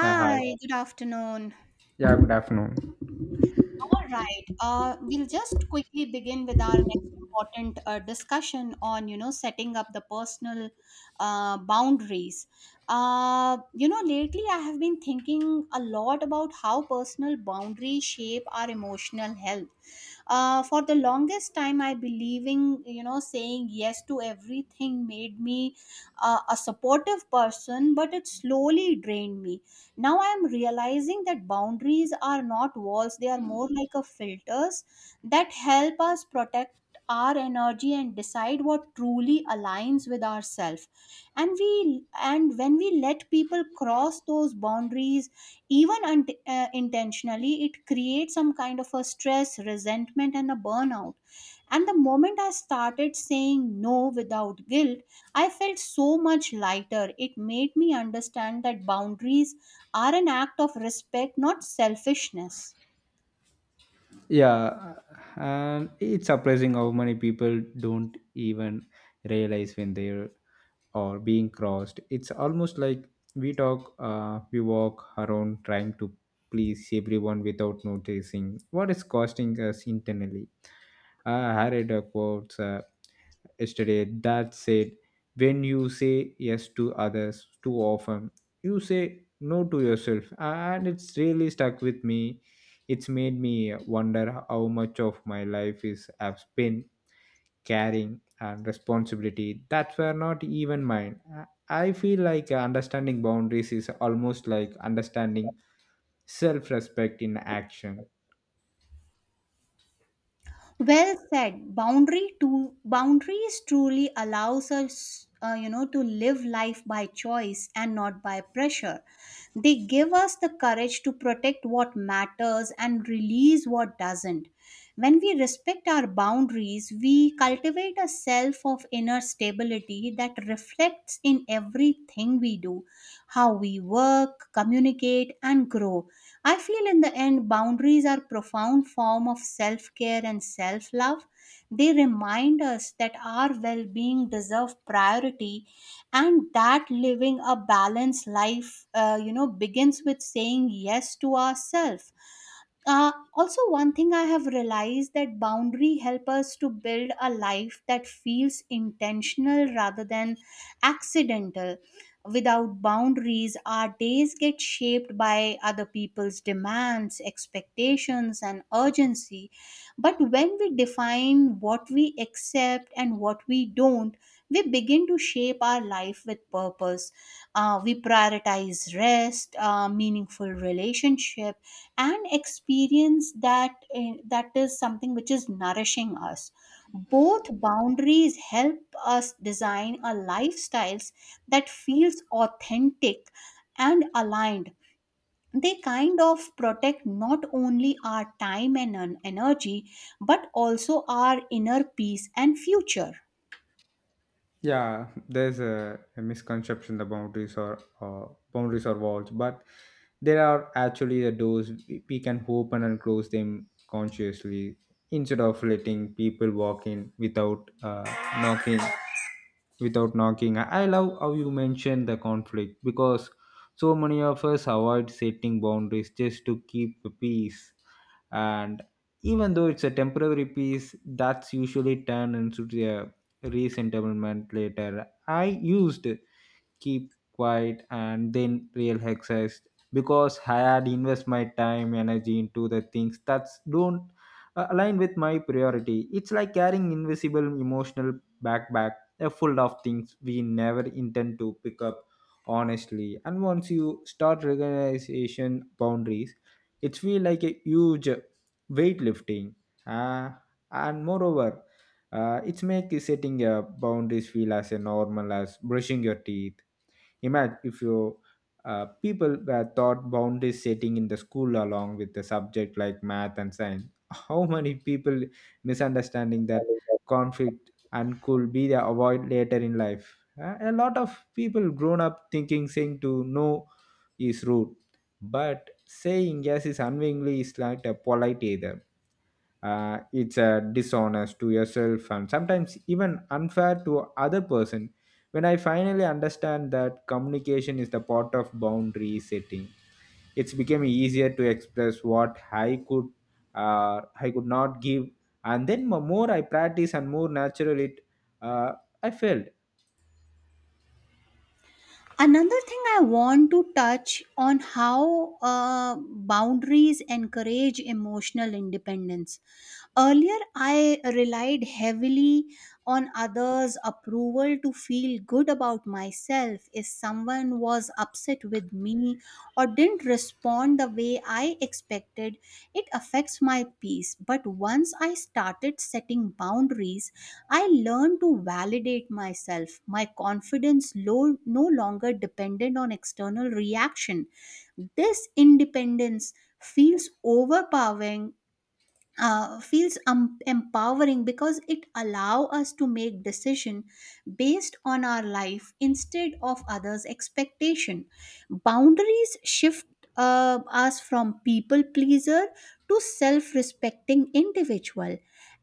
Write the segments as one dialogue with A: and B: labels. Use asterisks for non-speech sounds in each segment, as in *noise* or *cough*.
A: Hi.
B: good afternoon.
A: Yeah, good afternoon.
B: All right, we'll just quickly begin with our next important discussion on, you know, setting up the personal boundaries. You know, lately I have been thinking a lot about how personal boundaries shape our emotional health. For the longest time, I believing, you know, saying yes to everything made me a supportive person, but it slowly drained me. Now I am realizing that boundaries are not walls, they are more like a filters that help us protect our energy and decide what truly aligns with ourselves. And when we let people cross those boundaries, even unt intentionally, it creates some kind of a stress, resentment, and a burnout. And the moment I started saying no without guilt, I felt so much lighter. It made me understand that boundaries are an act of respect, not selfishness.
A: Yeah, and it's surprising how many people don't even realize when they are being crossed. It's almost like we walk around trying to please everyone without noticing what is costing us internally. I read a quote yesterday that said when you say yes to others too often you say no to yourself, and it's really stuck with me. It's made me wonder how much of my life is I've spent caring and responsibility that were not even mine. I feel like understanding boundaries is almost like understanding self-respect in action.
B: Well said. Boundary to boundaries truly allows us, you know, to live life by choice and not by pressure. They give us the courage to protect what matters and release what doesn't. When we respect our boundaries, we cultivate a self of inner stability that reflects in everything we do, how we work, communicate, and grow. I feel in the end, boundaries are profound form of self care and self love. They remind us that our well being deserve priority, and that living a balanced life, you know, begins with saying yes to ourselves. Also, one thing I have realized that boundary help us to build a life that feels intentional rather than accidental. Without boundaries, our days get shaped by other people's demands, expectations, and urgency. But when we define what we accept and what we don't, we begin to shape our life with purpose. We prioritize rest, meaningful relationship and experience that that is something which is nourishing us both. Boundaries help us design a lifestyles that feels authentic and aligned. They kind of protect not only our time and energy, but also our inner peace and future.
A: Yeah, there's a misconception the boundaries are walls, but there are actually the doors we can open and close them consciously instead of letting people walk in without knocking. knocking, I love how you mentioned the conflict because so many of us avoid setting boundaries just to keep the peace, and even though it's a temporary piece that's usually turned into a resettlement later. I used keep quiet and then real exercise because I had invest my time energy into the things that don't align with my priority. It's like carrying invisible emotional backpack, full of things we never intend to pick up, honestly. And once you start recognition boundaries it feel like a huge weightlifting. uh, and moreover, it's make setting your boundaries feel as a normal as brushing your teeth. Imagine if your people were taught boundary setting in the school along with the subject like math and science. *laughs* How many people misunderstanding that conflict and could be the avoid later in life? A lot of people grown up thinking saying to no is rude, but saying yes is unwillingly is like a polite either. It's dishonest to yourself and sometimes even unfair to other person. When I finally understand that communication is the part of boundary setting it's become easier to express what I could not give. And then more I practice and more natural it uh, I felt.
B: Another thing I want to touch on how boundaries encourage emotional independence. Earlier, I relied heavily on others approval to feel good about myself. If someone was upset with me or didn't respond the way I expected, it affects my peace. But once I started setting boundaries, I learned to validate myself, my confidence low, no longer dependent on external reaction. This independence feels overpowering, feels empowering, because it allow us to make decision based on our life instead of others expectation. Boundaries shift us from people pleaser to self respecting individual.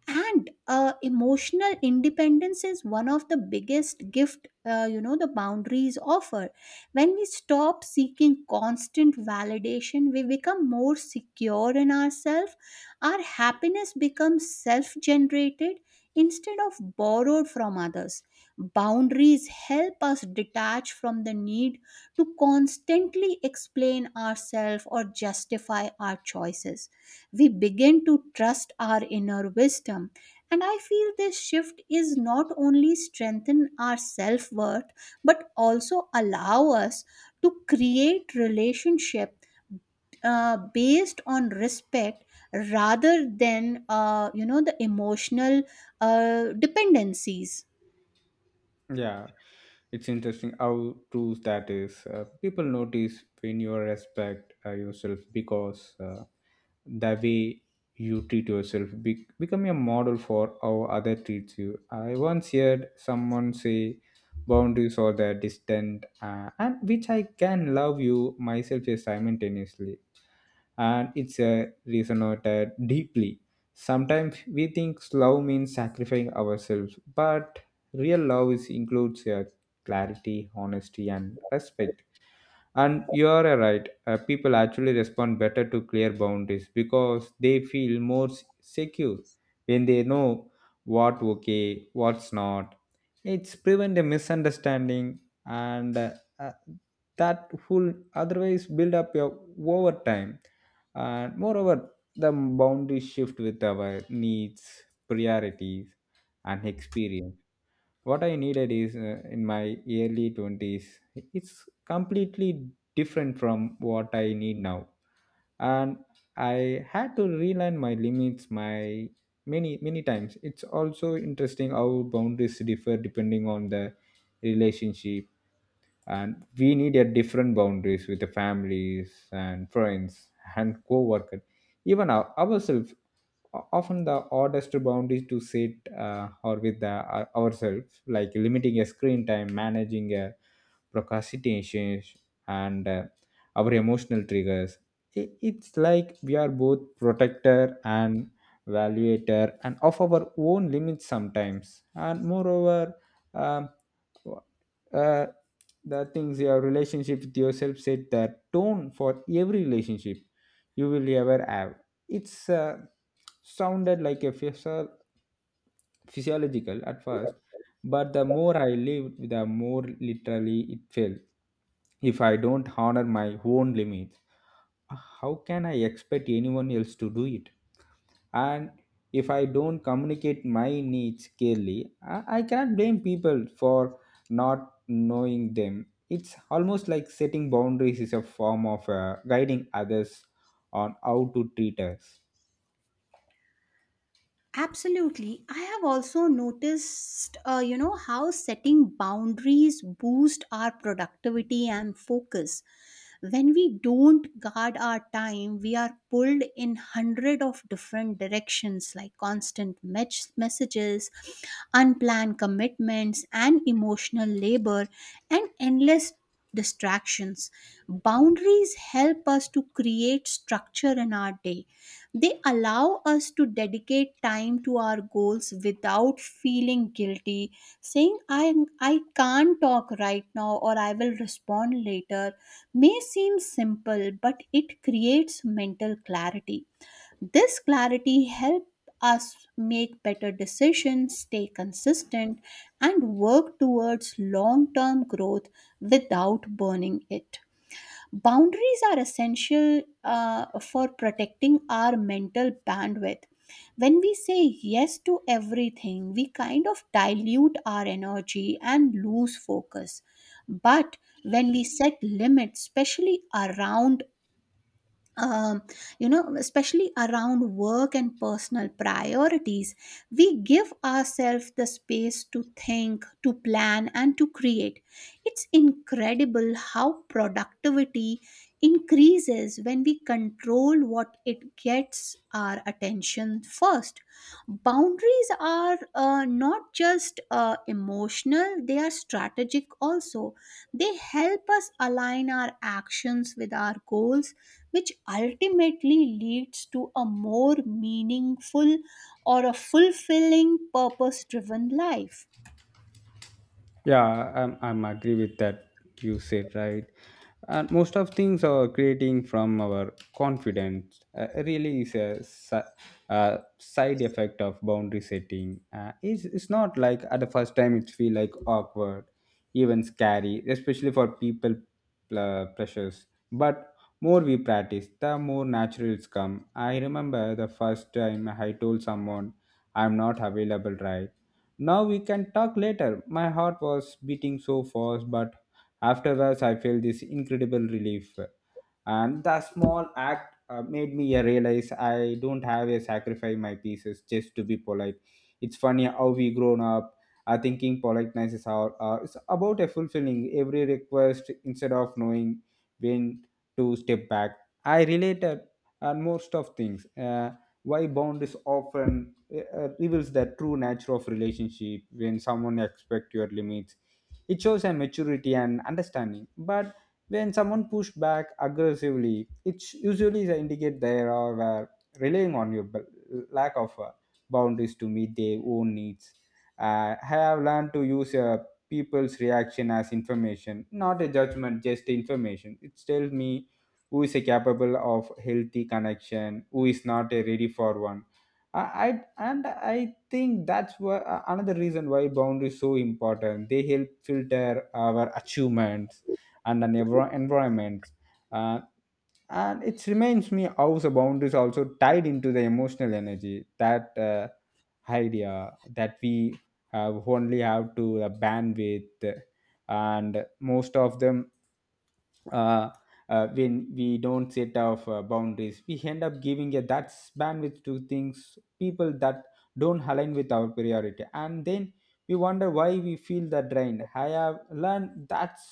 B: And emotional independence is one of the biggest gift, you know, the boundaries offer. When we stop seeking constant validation, we become more secure in ourselves. Our happiness becomes self generated instead of borrowed from others. Boundaries help us detach from the need to constantly explain ourselves or justify our choices. We begin to trust our inner wisdom. And I feel this shift is not only strengthen our self worth, but also allow us to create relationship based on respect rather than the emotional dependencies.
A: Yeah, it's interesting how true that is. People notice when you respect yourself because the way you treat yourself become a model for how other treats you. I once heard someone say boundaries are the distant and which I can love you myself simultaneously, and it's a resonated deeply. Sometimes we think love means sacrificing ourselves, but real love is includes clarity, honesty, and respect. And you're right, people actually respond better to clear boundaries because they feel more secure when they know what okay, what's not. It's prevent a misunderstanding, and uh, that will otherwise build up your, over time. And moreover, the boundaries shift with our needs, priorities, and experience. What I needed is in my early 20s, it's completely different from what I need now. And I had to relearn my limits, my many times. It's also interesting how boundaries differ depending on the relationship, and we need a different boundaries with the families and friends and co-workers, even ourselves. Often the oddest boundaries to set or with ourselves, like limiting a screen time, managing a procrastination, and our emotional triggers. It's like we are both protector and evaluator and of our own limits sometimes. And moreover, um, uh, the things your relationship with yourself set the tone for every relationship you will ever have. It's sounded like a physiological at first, but the more I lived the more literally it felt. If I don't honor my own limits, how can I expect anyone else to do it? And if I don't communicate my needs clearly, I cannot blame people for not knowing them. It's almost like setting boundaries is a form of guiding others on how to treat us.
B: Absolutely. I have also noticed, you know, how setting boundaries boost our productivity and focus. When we don't guard our time, we are pulled in hundred of different directions, like constant messages, unplanned commitments, and emotional labor, and endless distractions. Boundaries help us to create structure in our day. They allow us to dedicate time to our goals without feeling guilty. Saying I can't talk right now, or I will respond later, may seem simple, but it creates mental clarity. This clarity helps us make better decisions, stay consistent, and work towards long term growth without burning it. Boundaries are essential, for protecting our mental bandwidth. When we say yes to everything, we kind of dilute our energy and lose focus. But when we set limits, especially around um, especially around work and personal priorities, we give ourselves the space to think, to plan, and to create. It's incredible how productivity increases when we control what it gets our attention first. Boundaries are not just emotional, they are strategic also. They help us align our actions with our goals, which ultimately leads to a more meaningful or a fulfilling purpose driven life.
A: Yeah, I'm agree with that you said right, and most of things are creating from our confidence. Really, is a side effect of boundary setting. It's not like at the first time it feel like awkward, even scary, especially for people pressures. But more we practice, the more natural it's come. I remember the first time I told someone I'm not available right now, we can talk later. My heart was beating so fast, but afterwards I felt this incredible relief. And the small act made me realize I don't have to sacrifice my pieces just to be polite. It's funny how we grown up are thinking politeness is it's about a fulfilling every request instead of knowing when to step back. I related and most of things. Why bound is often uh, reveals the true nature of relationship. When someone expects your limits it shows a maturity and understanding, but when someone push back aggressively it usually is a indicate they are relying on your lack of boundaries to meet their own needs. I have learned to use people's reaction as information, not a judgment, just information. It tells me who is a capable of healthy connection, who is not a ready for one. I and I think that's why another reason why boundaries so important. They help filter our achievements and an environments. Uh, and it reminds me how the boundary is also tied into the emotional energy, that idea that we have only have to bandwidth, and most of them, uh, when we don't set off boundaries we end up giving a that bandwidth to things people that don't align with our priority. And then we wonder why we feel the drain. I have learned that's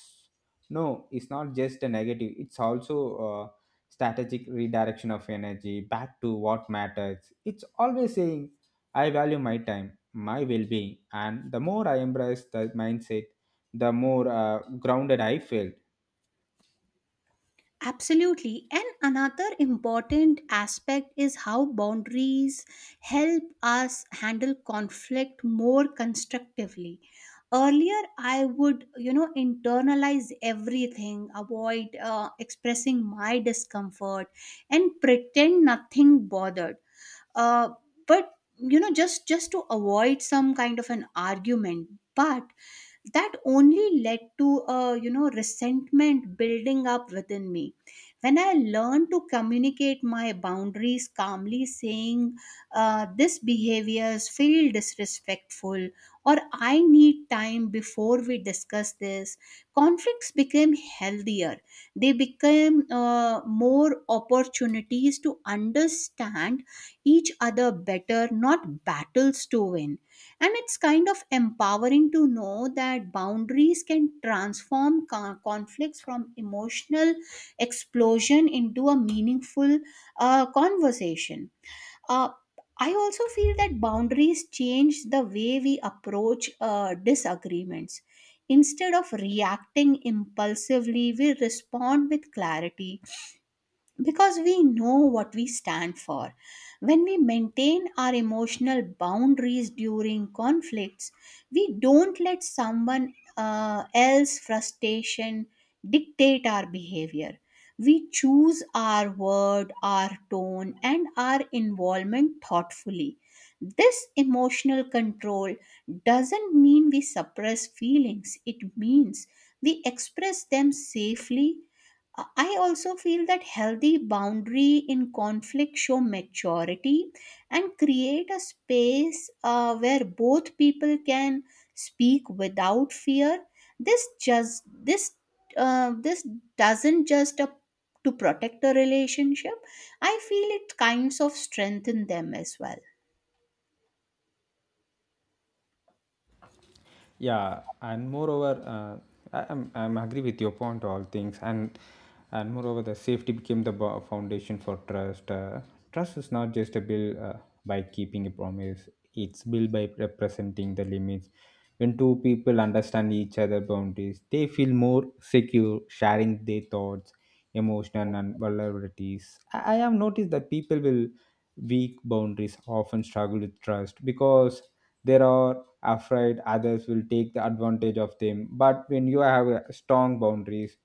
A: no, it's not just a negative, it's also strategic redirection of energy back to what matters. It's always saying, I value my time, my well being, and the more I embrace the mindset, the more grounded I feel.
B: Absolutely. And another important aspect is how boundaries help us handle conflict more constructively. Earlier, I would, you know, internalize everything, avoid expressing my discomfort, and pretend nothing bothered. uh, but, you know, just to avoid some kind of an argument, but that only led to a, you know, resentment building up within me. When I learned to communicate my boundaries calmly, saying, "this behaviors feel disrespectful," or "I need time before we discuss this," conflicts became healthier. They became more opportunities to understand each other better, not battles to win. And it's kind of empowering to know that boundaries can transform conflicts from emotional explosion into a meaningful conversation. Uh, I also feel that boundaries change the way we approach disagreements. Instead of reacting impulsively, we respond with clarity because we know what we stand for. When we maintain our emotional boundaries during conflicts, we don't let someone else's frustration dictate our behavior. We choose our word, our tone, and our involvement thoughtfully. This emotional control doesn't mean we suppress feelings, it means we express them safely. I also feel that healthy boundary in conflict show maturity and create a space where both people can speak without fear. This just this this doesn't just a, to protect a relationship. I feel it kinds of strengthen them as well.
A: Yeah, and moreover, I'm agree with your point all things. And moreover the safety became the foundation for trust. Trust is not just a build by keeping a promise, it's built by representing the limits. When two people understand each other boundaries they feel more secure sharing their thoughts, emotion, and vulnerabilities. I have noticed that people with weak boundaries often struggle with trust because there are afraid others will take the advantage of them. But when you have strong boundaries,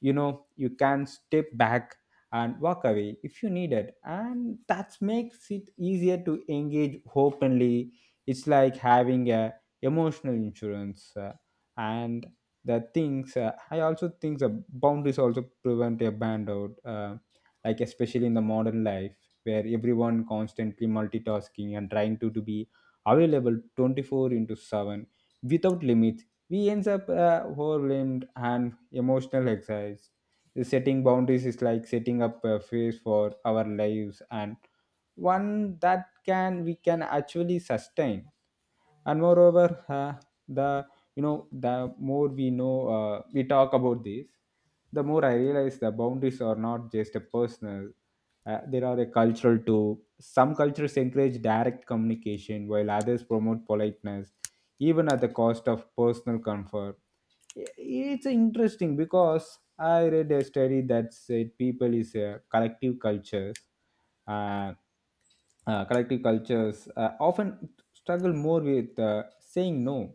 A: you know you can step back and walk away if you need it, and that makes it easier to engage openly. It's like having a emotional insurance. And the things, I also think the boundaries also prevent a burnout, like especially in the modern life where everyone constantly multitasking and trying to be available 24 into 7 without limits. We ends up overwhelmed and emotional exercise. The setting boundaries is like setting up a phase for our lives, and one that can we can actually sustain. And moreover, the you know the more we know we talk about this, the more I realize the boundaries are not just a personal, there are a cultural too. Some cultures encourage direct communication while others promote politeness even at the cost of personal comfort. It's interesting because I read a study that said people is a uh, collective cultures often struggle more with saying no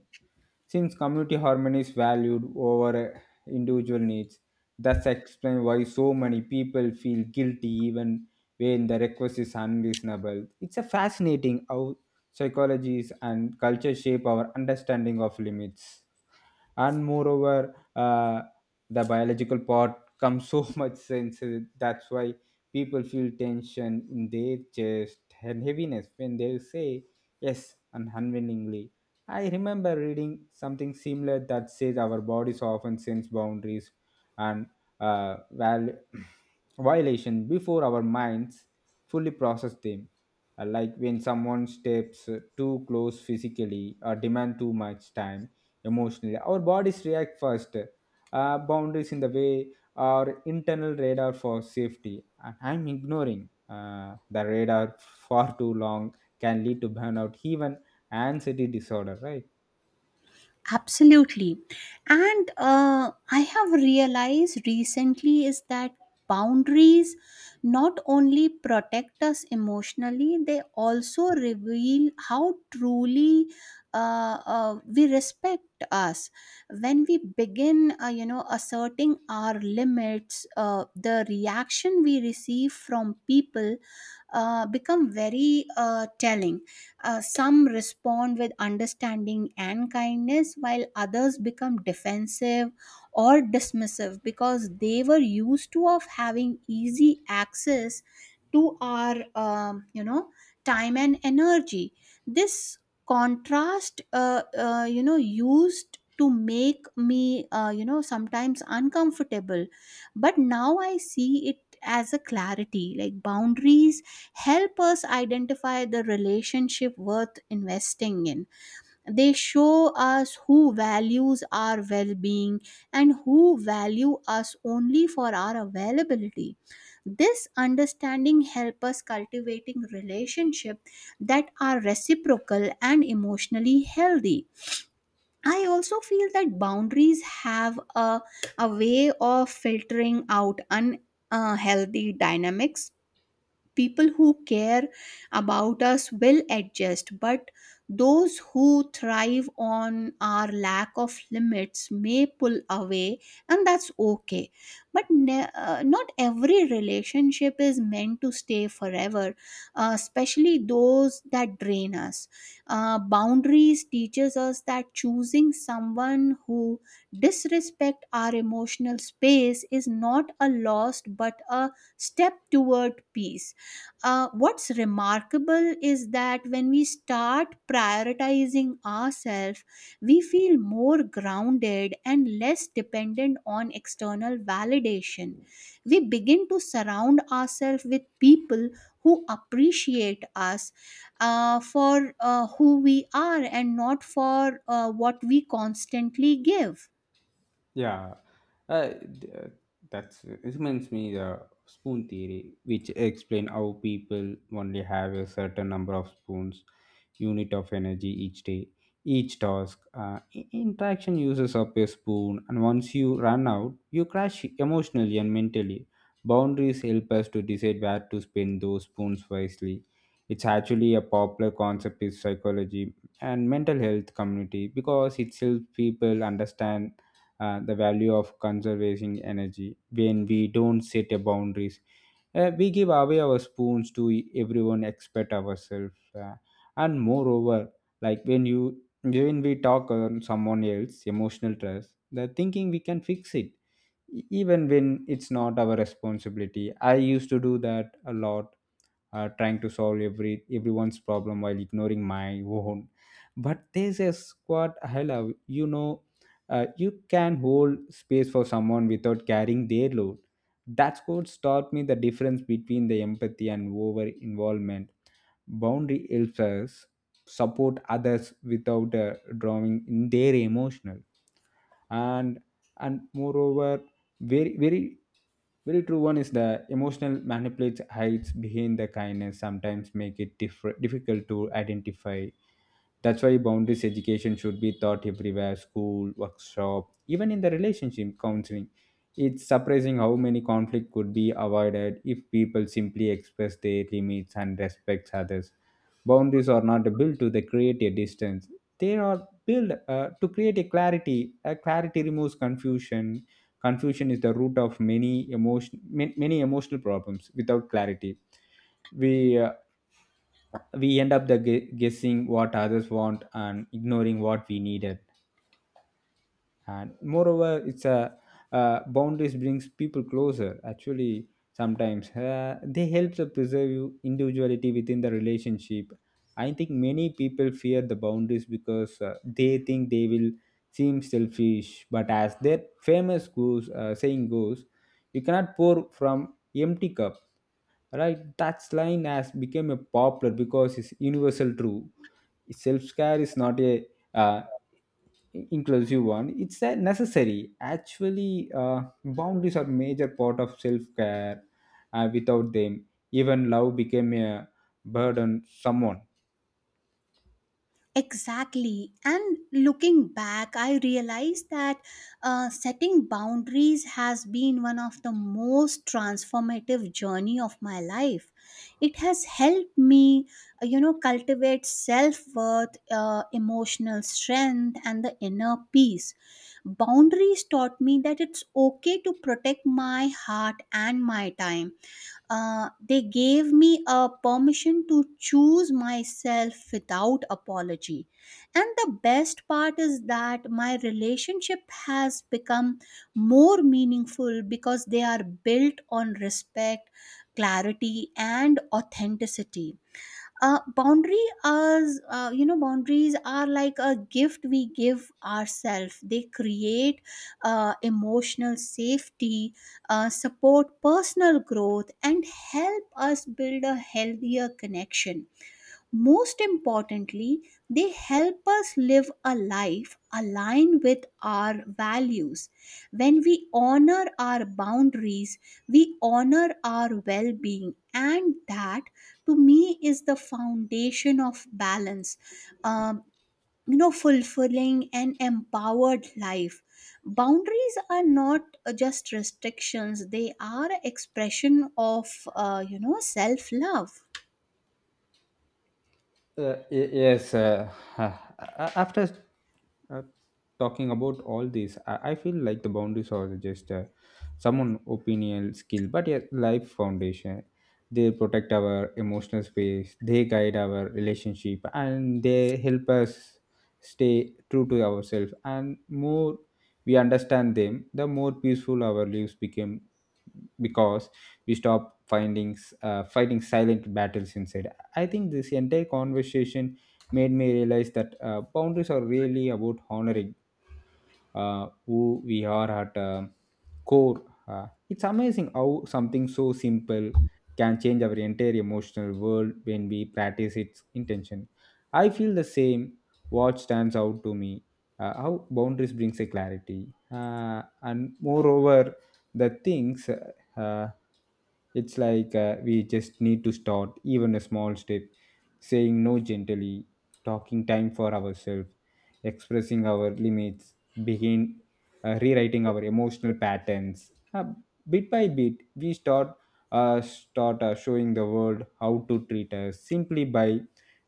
A: since community harmony is valued over individual needs. That's explain why so many people feel guilty even when the request is unreasonable. It's a fascinating how psychologies and culture shape our understanding of limits. And moreover, the biological part comes so *laughs* much sense, that's why people feel tension in their chest and heaviness when they say yes unwillingly. I remember reading something similar that says our bodies often sense boundaries and uh, val- *clears throat* violation before our minds fully process them. Like when someone steps too close physically or demand too much time emotionally. Our bodies react first, boundaries in the way, our internal radar for safety. And I'm ignoring the radar far too long can lead to burnout, even anxiety disorder, right?
B: Absolutely. And I have realized recently is that boundaries not only protect us emotionally, they also reveal how truly we respect us. When we begin, you know, asserting our limits, the reaction we receive from people become very telling. Some respond with understanding and kindness, while others become defensive or dismissive because they were used to of having easy access to our time and energy. This contrast, you know, used to make me, you know, sometimes uncomfortable, but now I see it as a clarity. Like boundaries help us identify the relationship worth investing in. They show us who values our well-being and who value us only for our availability. This understanding help us cultivating relationship that are reciprocal and emotionally healthy. I also feel that boundaries have a way of filtering out unhealthy dynamics. People who care about us will adjust, but those who thrive on our lack of limits may pull away, and that's okay. But not every relationship is meant to stay forever, especially those that drain us. Boundaries teaches us that choosing someone who disrespect our emotional space is not a loss, but a step toward peace. What's remarkable is that when we start prioritizing ourselves, we feel more grounded and less dependent on external validation. We begin to surround ourselves with people who appreciate us for who we are and not for what we constantly give.
A: Yeah, uh, th- uh, that's it reminds me the spoon theory, which explain how people only have a certain number of spoons, unit of energy each day, each task. Interaction uses up a spoon, and once you run out, you crash emotionally and mentally. Boundaries help us to decide where to spend those spoons wisely. It's actually a popular concept in psychology and mental health community because it helps people understand the value of conserving energy. When we don't set a boundaries, we give away our spoons to everyone except ourselves, and moreover, like when we talk on someone else emotional trust, the thinking we can fix it even when it's not our responsibility. I used to do that a lot, trying to solve everyone's problem while ignoring my own. But there's a squad I love, you can hold space for someone without carrying their load. That's what taught me the difference between the empathy and over involvement. Boundary helps us support others without drawing in their emotional. And and moreover, very very very true, one is the emotional manipulates hides behind the kindness, sometimes make it difficult to identify. That's why boundaries education should be taught everywhere: school, workshop, even in the relationship counseling. It's surprising how many conflict could be avoided if people simply express their limits and respect others. Boundaries are not built to the create a distance. They are built to create a clarity. A clarity removes confusion. Confusion is the root of many emotion, many emotional problems. Without clarity, we uh, we end up the guessing what others want and ignoring what we needed. And moreover, it's a boundaries brings people closer actually. Sometimes they help to preserve you individuality within the relationship. I think many people fear the boundaries because they think they will seem selfish, but as that famous goes, saying goes, you cannot pour from empty cup. Right, that line has become a popular because it's universal true. Self care is not a uh, inclusive one, it's a necessary. Actually, boundaries are major part of self care. Without them, even love became a burden someone.
B: Exactly. And looking back, I realized that setting boundaries has been one of the most transformative journey of my life. It has helped me, you know, cultivate self-worth, emotional strength, and the inner peace. Boundaries taught me that it's okay to protect my heart and my time. They gave me a permission to choose myself without apology. And the best part is that my relationship has become more meaningful because they are built on respect, clarity, and authenticity. Boundary as, you know, boundaries are like a gift we give ourselves. They create emotional safety, support personal growth, and help us build a healthier connection. Most importantly, they help us live a life aligned with our values. When we honor our boundaries, we honor our well being, and that to me is the foundation of balance. Um, you know, fulfilling and empowered life. Boundaries are not just restrictions, they are expression of, you know, self love.
A: Yes, uh, after uh, talking about all this, I feel like the boundaries are just someone opinion skill, but a life foundation. They protect our emotional space, they guide our relationship, and they help us stay true to ourselves. And more we understand them, the more peaceful our lives became, because we stop finding fighting silent battles inside. I think this entire conversation made me realize that boundaries are really about honoring who we are at core. It's amazing how something so simple can change our entire emotional world when we practice its intention. I feel the same. What stands out to me, how boundaries brings a clarity, and moreover, the things. Uh, it's like we just need to start, even a small step: saying no gently, talking time for ourselves, expressing our limits, begin rewriting our emotional patterns. Bit by bit, we start showing the world how to treat us simply by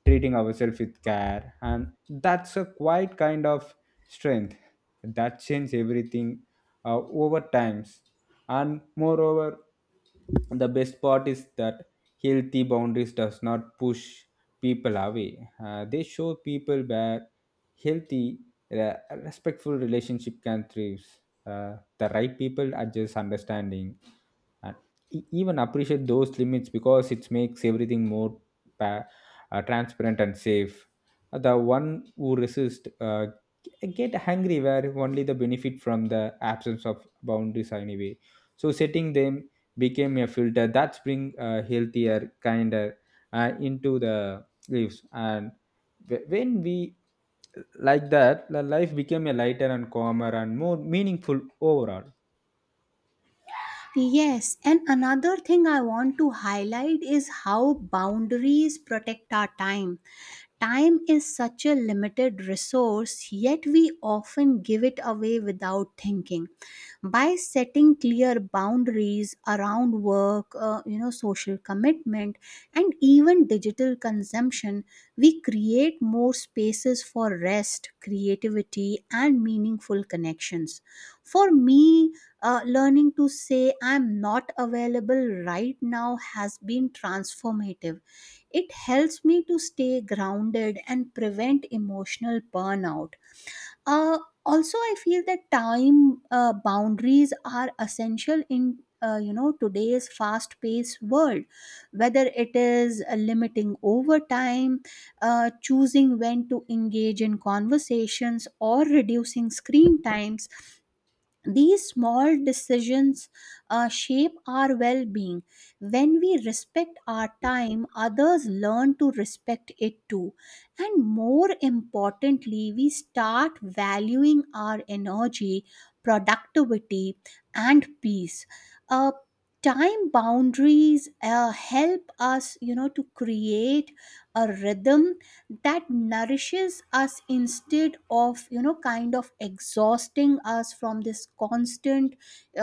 A: treating ourselves with care, and that's a quite kind of strength that changes everything over times. And moreover, the best part is that healthy boundaries does not push people away. They show people where healthy re- respectful relationship can thrive. Uh, the right people are just understanding and even appreciate those limits because it makes everything more pa- transparent and safe. The one who resist get angry where only the benefit from the absence of boundaries anyway. So setting them became a filter that bring healthier, kinder into the lives. And when we like that, the life became a lighter and calmer and more meaningful overall.
B: Yes, and another thing I want to highlight is how boundaries protect our time. Time is such a limited resource, yet we often give it away without thinking. By setting clear boundaries around work, you know, social commitment, and even digital consumption, we create more spaces for rest, creativity, and meaningful connections. For me, learning to say "I'm not available right now" has been transformative. It helps me to stay grounded and prevent emotional burnout. Uh, also, I feel that time boundaries are essential in, you know, today's fast-paced world. Whether it is limiting overtime, choosing when to engage in conversations, or reducing screen times, these small decisions shape our well-being. When we respect our time, others learn to respect it too, and more importantly, we start valuing our energy, productivity, and peace. uh, Time boundaries help us, you know, to create a rhythm that nourishes us instead of, you know, kind of exhausting us from this constant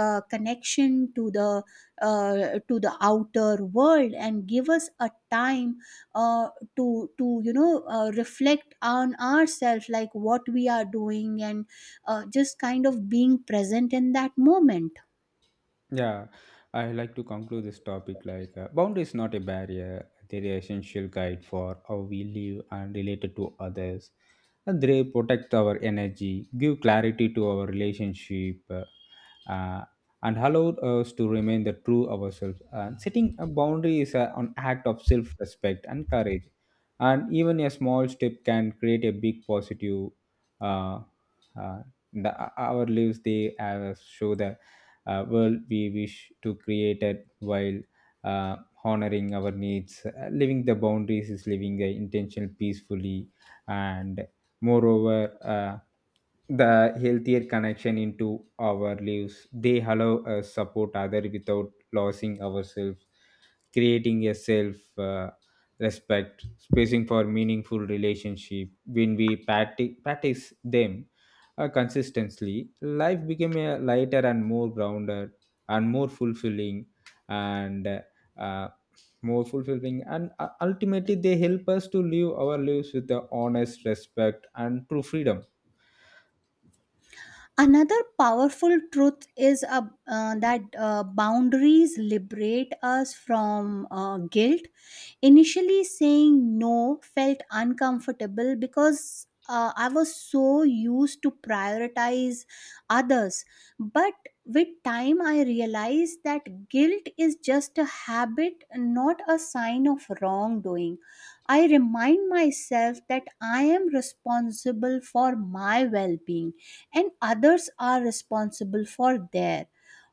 B: connection to the outer world, and give us a time uh, to you know, reflect on ourselves, like what we are doing, and just kind of being present in that moment.
A: Yeah, I like to conclude this topic like boundary is not a barrier. They're the essential guide for how we live and related to others. And they protect our energy, give clarity to our relationship, uh, and allow us to remain the true ourselves. And setting a boundary is a, an act of self-respect and courage. And even a small step can create a big positive. Uh, uh, the, our lives they show that world we wish to create it while uh, honoring our needs. Living the boundaries is living the intention peacefully, and moreover, uh, the healthier connection into our lives. They allow us support other without losing ourselves, creating a self. Respect spacing for meaningful relationship. When we practice them consistently, life became a lighter and more grounded and more fulfilling and uh, more fulfilling. And ultimately, they help us to live our lives with the honest respect and true freedom.
B: Another powerful truth is that boundaries liberate us from guilt. Initially, saying no felt uncomfortable because I was so used to prioritize others. But with time, I realized that guilt is just a habit, not a sign of wrongdoing. I remind myself that I am responsible for my well being and others are responsible for their.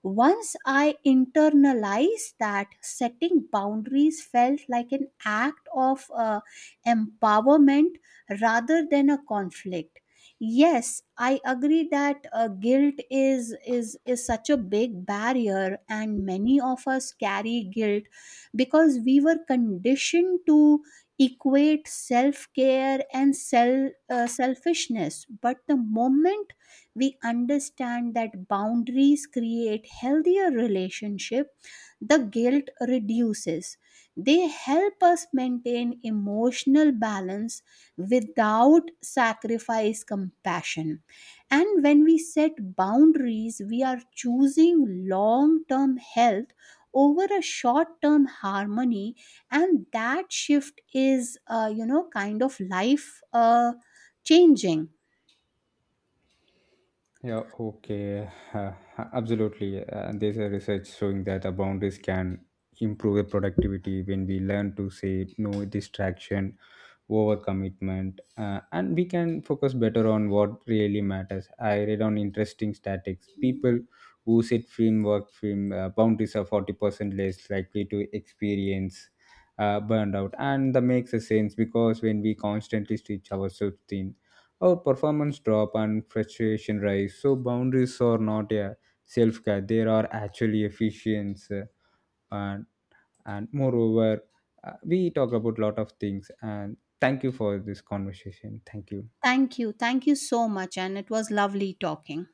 B: Once I internalized that, setting boundaries felt like an act of empowerment rather than a conflict. Yes, I agree that guilt is such a big barrier, and many of us carry guilt because we were conditioned to equate self care and self selfishness. But the moment we understand that boundaries create healthier relationship, the guilt reduces. They help us maintain emotional balance without sacrifice compassion, and when we set boundaries, we are choosing long term health over a short term harmony, and that shift is, you know, kind of life changing.
A: Yeah, okay, absolutely. And there's a research showing that the boundaries can improve the productivity when we learn to say no distraction, overcommitment, and we can focus better on what really matters. I read on interesting statistics: people who set framework frame boundaries are 40% less likely to experience burnout, and that makes a sense because when we constantly stretch ourselves thin, our performance drop and frustration rise. So boundaries are not a self-care, they are actually efficiency. Uh, and moreover, we talk about lot of things, and thank you for this conversation. Thank you.
B: Thank you. Thank you so much. And it was lovely talking.